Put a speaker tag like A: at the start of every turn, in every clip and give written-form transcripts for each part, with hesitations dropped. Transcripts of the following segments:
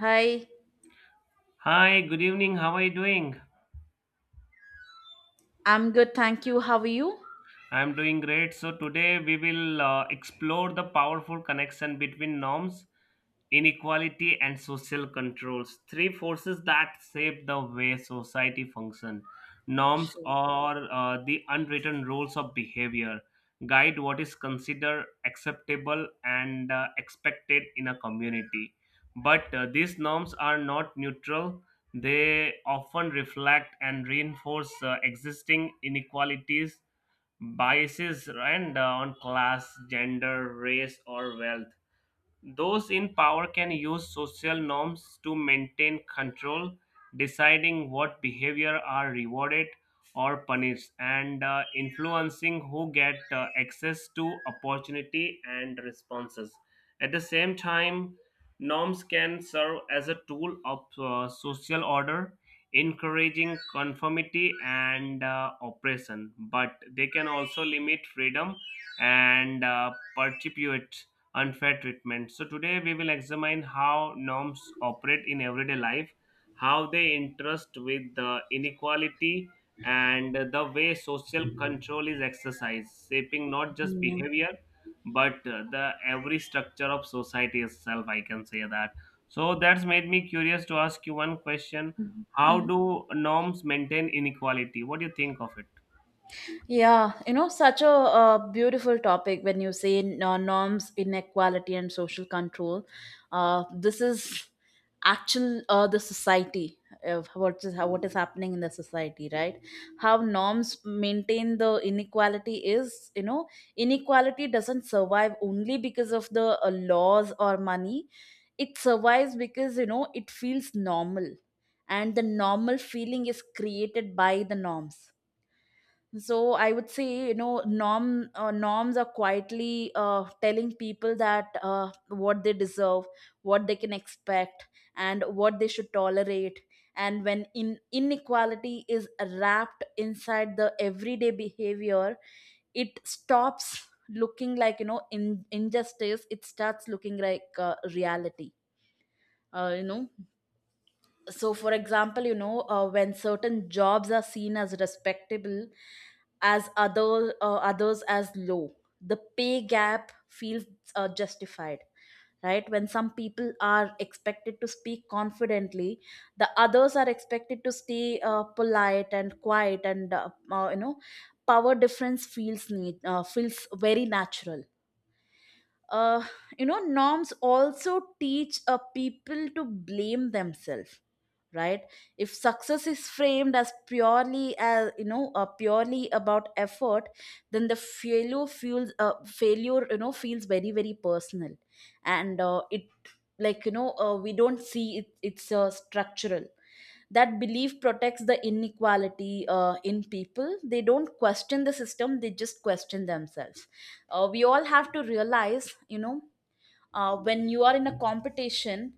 A: Hi,
B: Hi, good evening. How are you doing?
A: I'm good, thank you. How are you?
B: I'm doing great. So today we will explore the powerful connection between norms, inequality, and social controls, three forces that shape the way society functions. Norms are the unwritten rules of behavior, guide what is considered acceptable and expected in a community. But these norms are not neutral. They often reflect and reinforce existing inequalities biases and on class, gender, race, or wealth. Those in power can use social norms to maintain control, deciding what behavior are rewarded or punished, and influencing who get access to opportunity and responses. At the same time, norms can serve as a tool of social order, encouraging conformity and oppression, but they can also limit freedom and perpetuate unfair treatment. So, today we will examine how norms operate in everyday life, how they interest with the inequality, and the way social control is exercised, shaping not just
A: Yeah.
B: behavior but the every structure of society itself. I can say that. So, that's made me curious to ask you one question.
A: Mhm,
B: How
A: mhm.
B: do norms maintain inequality? What do you think of it?
A: Yeah, you know, such a beautiful topic when you say norms, inequality, and social control. This is actual the society of what is what is happening in the society, right? How norms maintain the inequality is, you know, inequality doesn't survive only because of the laws or money. It survives because, it feels normal, and the normal feeling is created by the norms. So I would say, norms are quietly telling people that, what they deserve, what they can expect, and what they should tolerate. And when in inequality is wrapped inside the everyday behavior, it stops looking like, in injustice. It starts looking like reality. uh, you know so for example, when certain jobs are seen as respectable as others as low, the pay gap feels justified, right? When some people are expected to speak confidently, the others are expected to stay polite and quiet, and power difference feels very natural. uh, Norms also teach a people to blame themselves, right? If success is framed as purely as, purely about effort, then the failure feels, failure you know feels very very personal. And it, we don't see it, it's structural. That belief protects the inequality in people. They don't question the system, they just question themselves. We all have to realize, you know, when you are in a competition,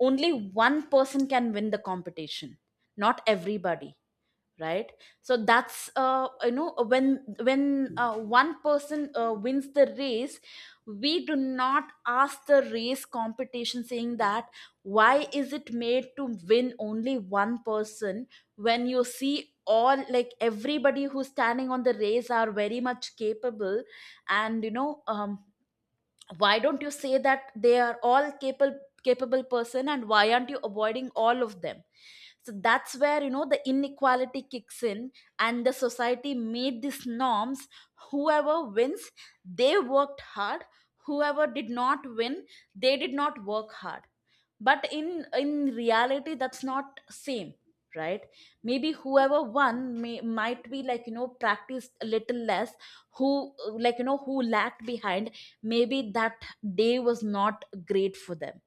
A: only one person can win the competition, not everybody, right? So that's, when one person wins the race, we do not ask the race competition, saying that why is it made to win only one person, when you see all, like, everybody who's standing on the race are very much capable. And, you know, why don't you say that they are all capable person, and why aren't you avoiding all of them? So that's where, you know, the inequality kicks in, and the society made these norms. Whoever wins, they worked hard. Whoever did not win, they did not work hard. But in reality, that's not same, right? Maybe whoever won, may, might be, like, you know, practiced a little less. Who, like, you know, who lagged behind, maybe that day was not great for them.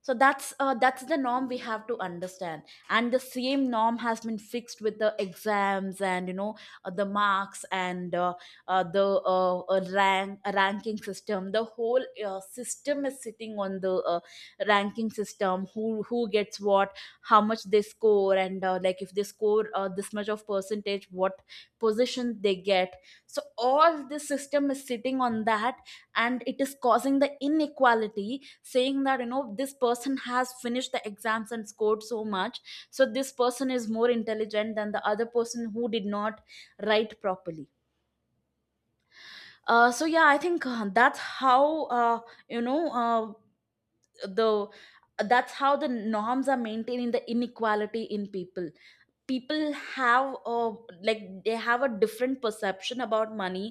A: So that's, that's the norm we have to understand. And the same norm has been fixed with the exams, and, you know, the marks, and the, ranking system. The whole system is sitting on the ranking system, who gets what, how much they score, and like, if they score this much of percentage, what position they get. So all this system is sitting on that, and it is causing the inequality, saying that, you know, this person has finished the exams and scored so much, so this person is more intelligent than the other person who did not write properly. So yeah, I think that's how, you know uh, the that's how the norms are maintaining the inequality in people. People have, like, they have a different perception about money,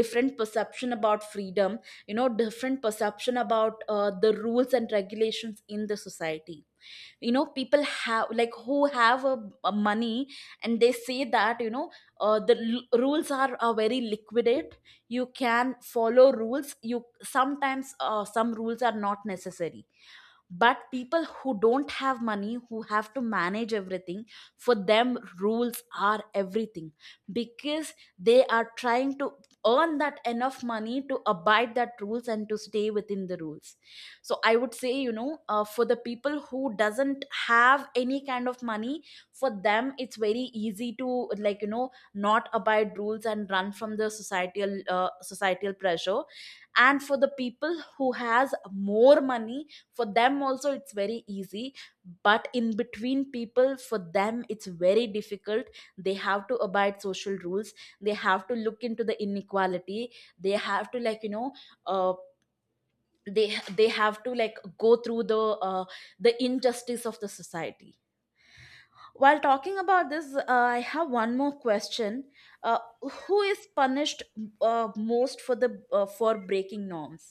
A: different perception about freedom, you know, different perception about the rules and regulations in the society. You know, people have, like, who have a money, and they say that, you know, the rules are very liquidate. You can follow rules, you sometimes, some rules are not necessary. But people who don't have money, who have to manage everything, for them rules are everything, because they are trying to earn that enough money to abide that rules and to stay within the rules. So I would say, you know, for the people who doesn't have any kind of money, for them it's very easy to, like, you know, not abide rules and run from the societal societal pressure. And for the people who has more money, for them also it's very easy. But in between people, for them it's very difficult. They have to abide social rules, they have to look into the inequality, they have to, like, you know, uh, they have to, like, go through the, uh, the injustice of the society. While talking about this, I have one more question. uh, who is punished, uh, most for the, for breaking norms?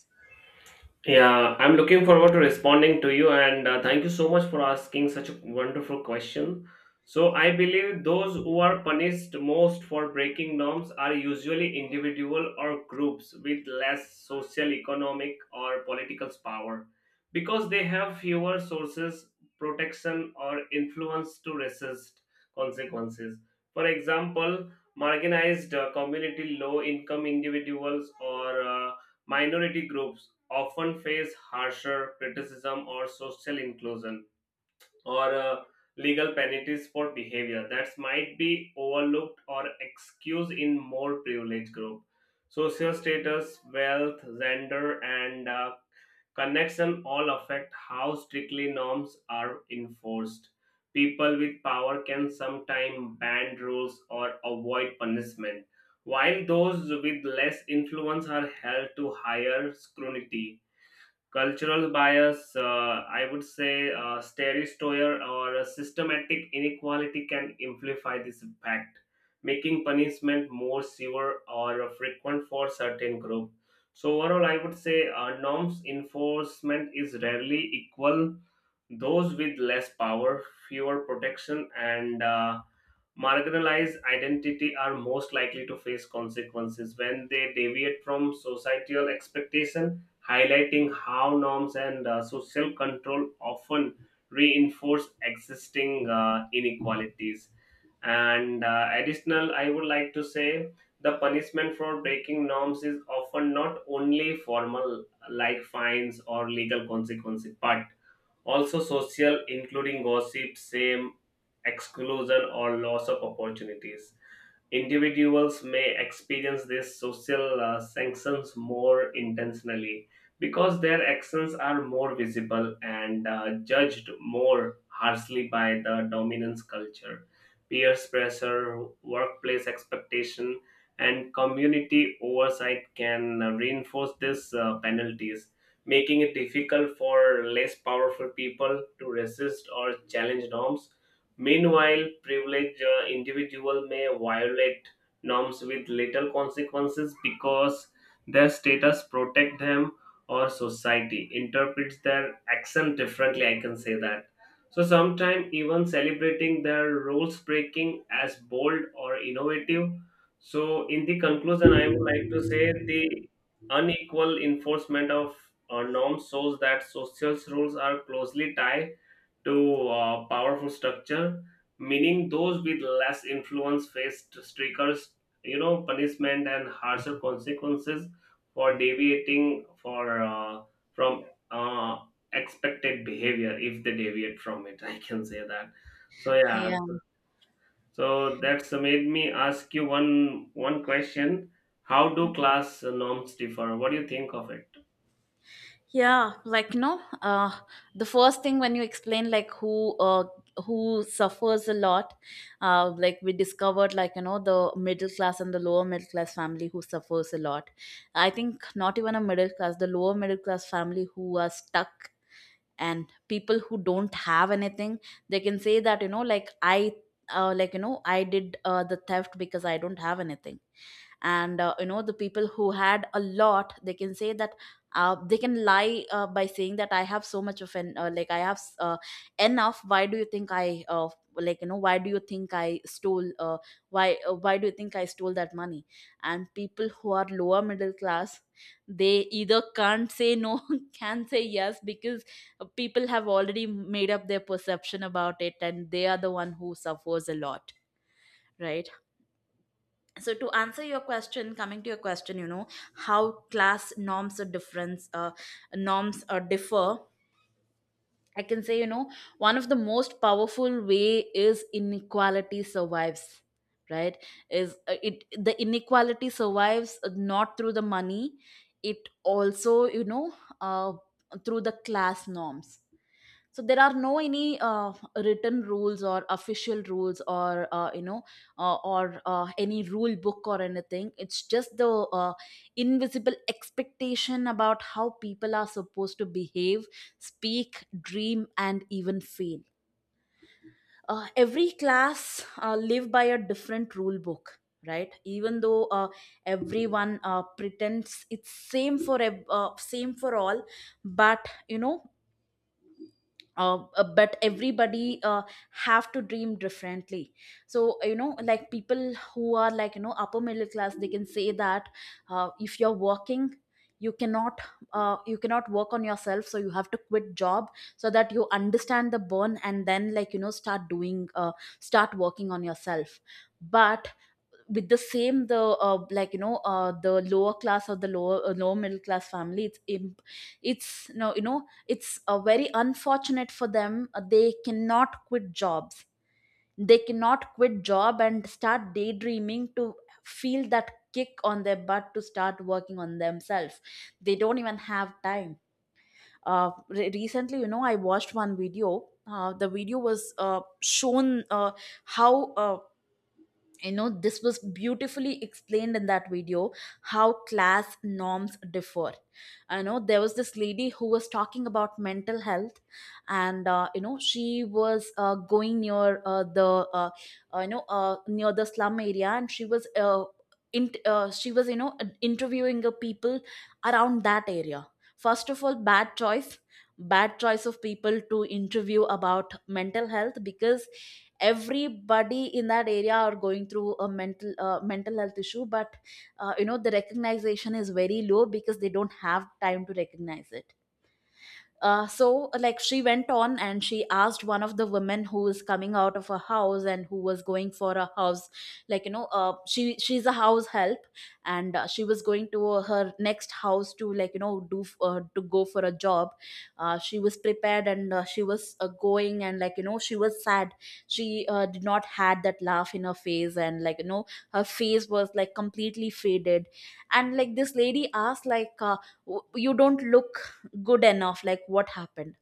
B: Yeah, I'm looking forward to responding to you, and thank you so much for asking such a wonderful question. So, I believe those who are punished most for breaking norms are usually individual or groups with less social, economic, or political power because they have fewer sources, protection, or influence to resist consequences. For example, marginalized community, low income individuals, or Minority groups often face harsher criticism or social inclusion or legal penalties for behavior that might be overlooked or excused in more privileged groups. Social status, wealth, gender, and Connection all affect how strictly norms are enforced. People with power can sometimes bend rules or avoid punishment, while those with less influence are held to higher scrutiny cultural bias I would say stereostoyer or a systematic inequality can amplify this impact making punishment more severe or frequent for certain group. So overall I would say norms enforcement is rarely equal. Those with less power, fewer protection, and Marginalized identity are most likely to face consequences when they deviate from societal expectation, highlighting how norms and social control often reinforce existing inequalities. And additional, I would like to say the punishment for breaking norms is often not only formal, like fines or legal consequences, but also social, including gossip, shame, exclusion, or loss of opportunities. Individuals may experience these social sanctions more intentionally because their actions are more visible and judged more harshly by the dominance culture. Peer pressure, workplace expectation, and community oversight can reinforce these penalties making it difficult for less powerful people to resist or challenge norms. Meanwhile, privileged individuals may violate norms with little consequences because their status protect them or society interprets their action differently. I can say that. So sometimes even celebrating their rules breaking as bold or innovative. So in the conclusion, I would like to say the unequal enforcement of norms shows that social rules are closely tied to powerful structure, meaning those with less influence faced stricter, you know, punishment and harsher consequences for deviating for from uh, expected behavior if they deviate from it. I can say that. So yeah,
A: Yeah,
B: so that's made me ask you one question. How do class norms differ? What do you think of it?
A: yeah, like, no, the first thing, when you explain, like, who suffers a lot, like, we discovered, like, you know, the middle class and the lower middle class family who suffers a lot. I think not even a middle class, the lower middle class family who are stuck. And people who don't have anything, they can say that, you know, like, I, like, you know, I did the theft because I don't have anything. And, you know, the people who had a lot, they can say that, they can lie by saying that I have so much of an, like, I have enough, why do you think I, like, you know, why do you think I stole, why, why do you think I stole that money? And people who are lower middle class, they either can't say no can say yes, because, people have already made up their perception about it, and they are the one who suffers a lot, right? So to answer your question, coming to your question, you know, how class norms are difference, norms are differ. I can say, you know, one of the most powerful way is inequality survives, right? Is, it the inequality survives, not through the money, it also, you know, uh, through the class norms. So there are no any written rules or official rules, or, you know, or any rule book or anything. It's just the, uh, invisible expectation about how people are supposed to behave, speak, dream, and even fail. Every class live by a different rule book, right? Even though, everyone pretends it's same for same for all. But you know, but everybody, have to dream differently. So, you know, like, people who are, like, you know, upper middle class, they can say that, if you're working, you cannot, you cannot work on yourself, so you have to quit job, so that you understand the burn, and then, like, you know, start doing, start working on yourself. But with the same the, like, you know, the lower class, or the lower middle class family, it's no, you know, it's very unfortunate for them, they cannot quit jobs. They cannot quit job and start daydreaming to feel that kick on their butt to start working on themselves. They don't even have time. Recently, you know, I watched one video. The video was shown, how you know, this was beautifully explained in that video, how class norms differ. I know there was this lady who was talking about mental health. And, you know, she was going near the, uh, near the slum area, and she was, she was, you know, interviewing the people around that area. First of all, bad choice, bad choice of people to interview about mental health, because everybody in that area are going through a mental health issue. But, you know, the recognition is very low, because they don't have time to recognize it. So, like, she went on, and she asked one of the women who is coming out of a house, and who was going for a house, like, you know, she's a house help. And, she was going to her next house to, like, you know, do to go for a job. She was prepared, and, she was, going, and, like, you know, she was sad. She, did not had that laugh in her face, and, like, you know, her face was like completely faded. And, like, this lady asked, like, "W- you don't look good enough, like, what happened?"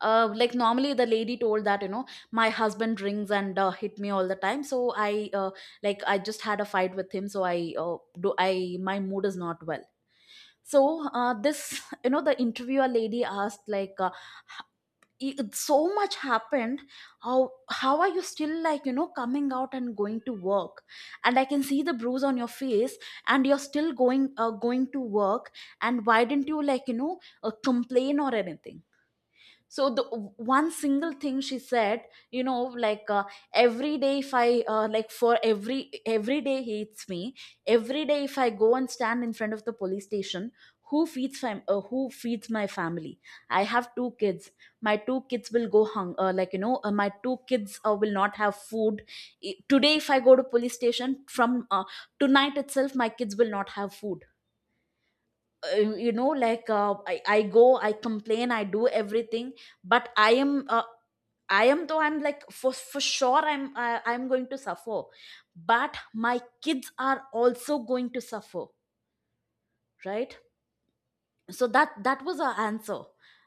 A: Like, normally, the lady told that, you know, "My husband drinks, and, hit me all the time, so I, like, I just had a fight with him, so I, do I, my mood is not well." So, this you know, the interviewer lady asked, like, "It- so much happened, how how are you still, like, you know, coming out and going to work. And I can see the bruise on your face, and you're still going to work. And why didn't you, like you know complain or anything? So the one single thing she said, you know like uh, every day if I like for every day he eats me. Every day if I go and stand in front of the police station, who feeds who feeds my family? I have two kids. My two kids will go hung like you know my two kids will not have food. Today if I go to police station from tonight itself, my kids will not have food. uh, I go, I complain, I do everything, but I am, though I'm, for sure I'm going to suffer, but my kids are also going to suffer, right? So that was our answer,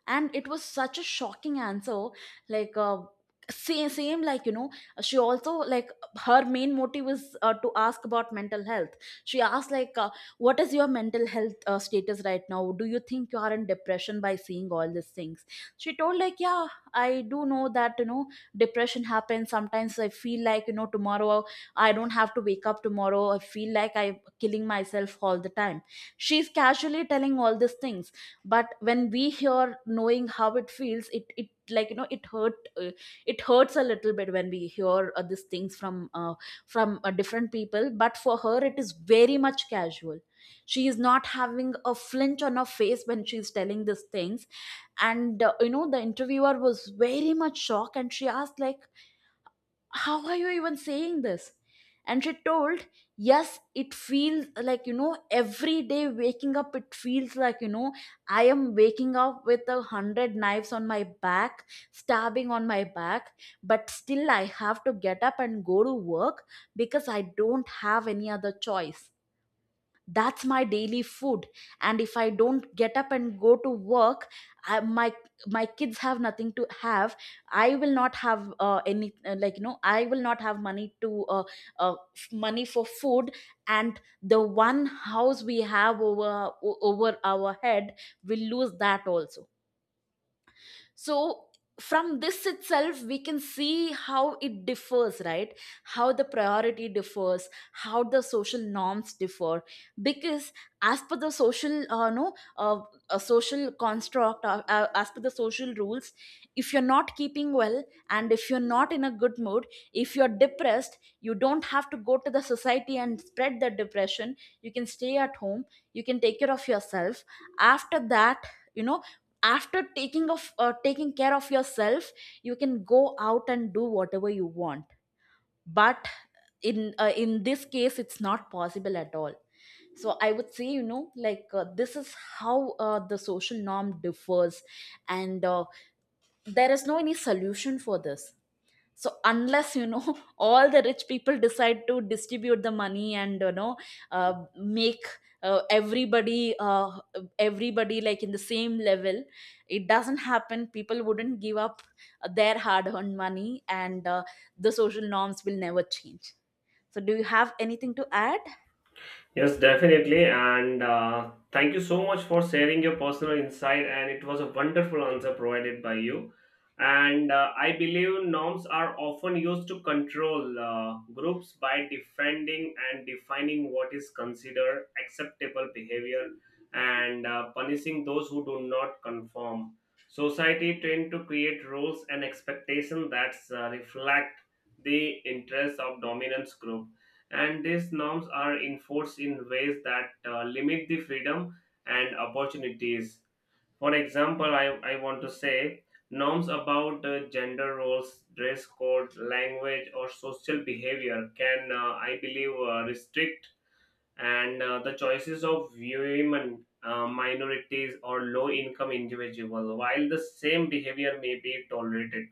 A: and it was such a shocking answer. Like same, same like you know she also like Her main motive was to ask about mental health. She asked, what is your mental health status right now? Do you think you are in depression by seeing all these things? She told, like, yeah, I do know that, you know, depression happens. Sometimes I feel like, you know, tomorrow I don't have to wake up tomorrow. I feel like I'm killing myself all the time. She's casually telling all these things, but when we hear, knowing how it feels, it like you know it hurt it hurts a little bit when we hear these things from different people. But for her it is very much casual. She is not having a flinch on her face when she's telling these things. And, you know, the interviewer was very much shocked, and she asked, like, how are you even saying this? And she told, yes, it feels like, you know, every day waking up, it feels like, you know, I am waking up with 100 knives on my back, stabbing on my back. But still I have to get up and go to work, because I don't have any other choice. That's my daily food. And if I don't get up and go to work, my my kids have nothing to have. I will not have any like you know I will not have money to money for food. And the one house we have over over our head, will lose that also. So from this itself we can see how it differs, right? How the priority differs, how the social norms differ. Because as per the social no a social construct, as per the social rules, if you're not keeping well, and if you're not in a good mood, if you're depressed, you don't have to go to the society and spread the depression. You can stay at home, you can take care of yourself. After that, you know, after taking care of yourself, you can go out and do whatever you want. But in this case it's not possible at all. So I would say, you know, this is how the social norm differs. And there is no any solution for this. So unless, you know, all the rich people decide to distribute the money, and you know, make everybody, everybody, like, in the same level, it doesn't happen. People wouldn't give up their hard earned money, and the social norms will never change. So do you have anything to add?
B: Yes, definitely. And thank you so much for sharing your personal insight. And it was a wonderful answer provided by you. And I believe norms are often used to control groups by defending and defining what is considered acceptable behavior and punishing those who do not conform. Society tend to create rules and expectations that reflect the interests of dominance group and these norms are enforced in ways that limit the freedom and opportunities. For example, I want to say norms about gender roles, dress code, language, or social behavior can, I believe, restrict and the choices of women, minorities, or low-income individuals, while the same behavior may be tolerated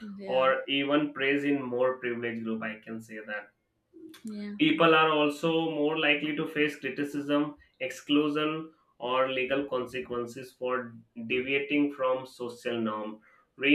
A: Yeah,
B: or even praised in more privileged group. I can say that.
A: yeah,
B: People are also more likely to face criticism, exclusion, or legal consequences for deviating from social norm,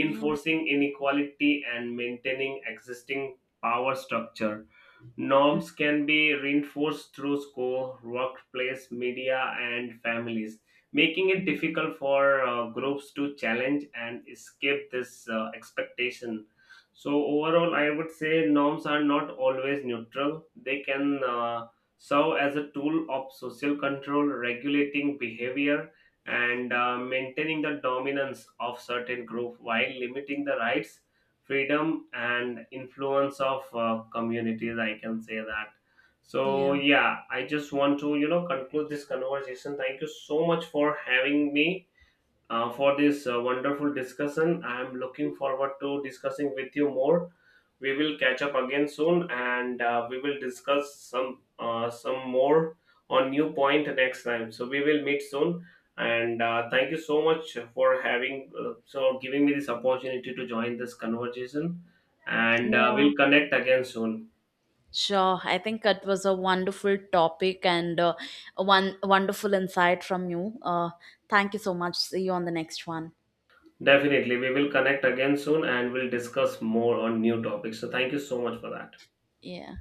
A: yeah,
B: inequality and maintaining existing power structure. Norms can be reinforced through school, workplace, media, and families, making it difficult for groups to challenge and escape this expectation. So, overall, I would say norms are not always neutral. They can serve as a tool of social control, regulating behavior, and maintaining the dominance of certain group while limiting the rights freedom and influence of communities. I can say that. So
A: yeah,
B: yeah, I just want to, you know, conclude this conversation. Thank you so much for having me for this wonderful discussion. I am looking forward to discussing with you more. We will catch up again soon, and we will discuss some more on new point next time. So we will meet soon, and thank you so much for having so giving me this opportunity to join this conversation, and
A: yeah.
B: we'll connect again soon.
A: Sure, I think it was a wonderful topic and, a one wonderful insight from you. Thank you so much. See you on the next one.
B: Definitely, we will connect again soon, and we'll discuss more on new topics. So thank you so much for that.
A: Yeah.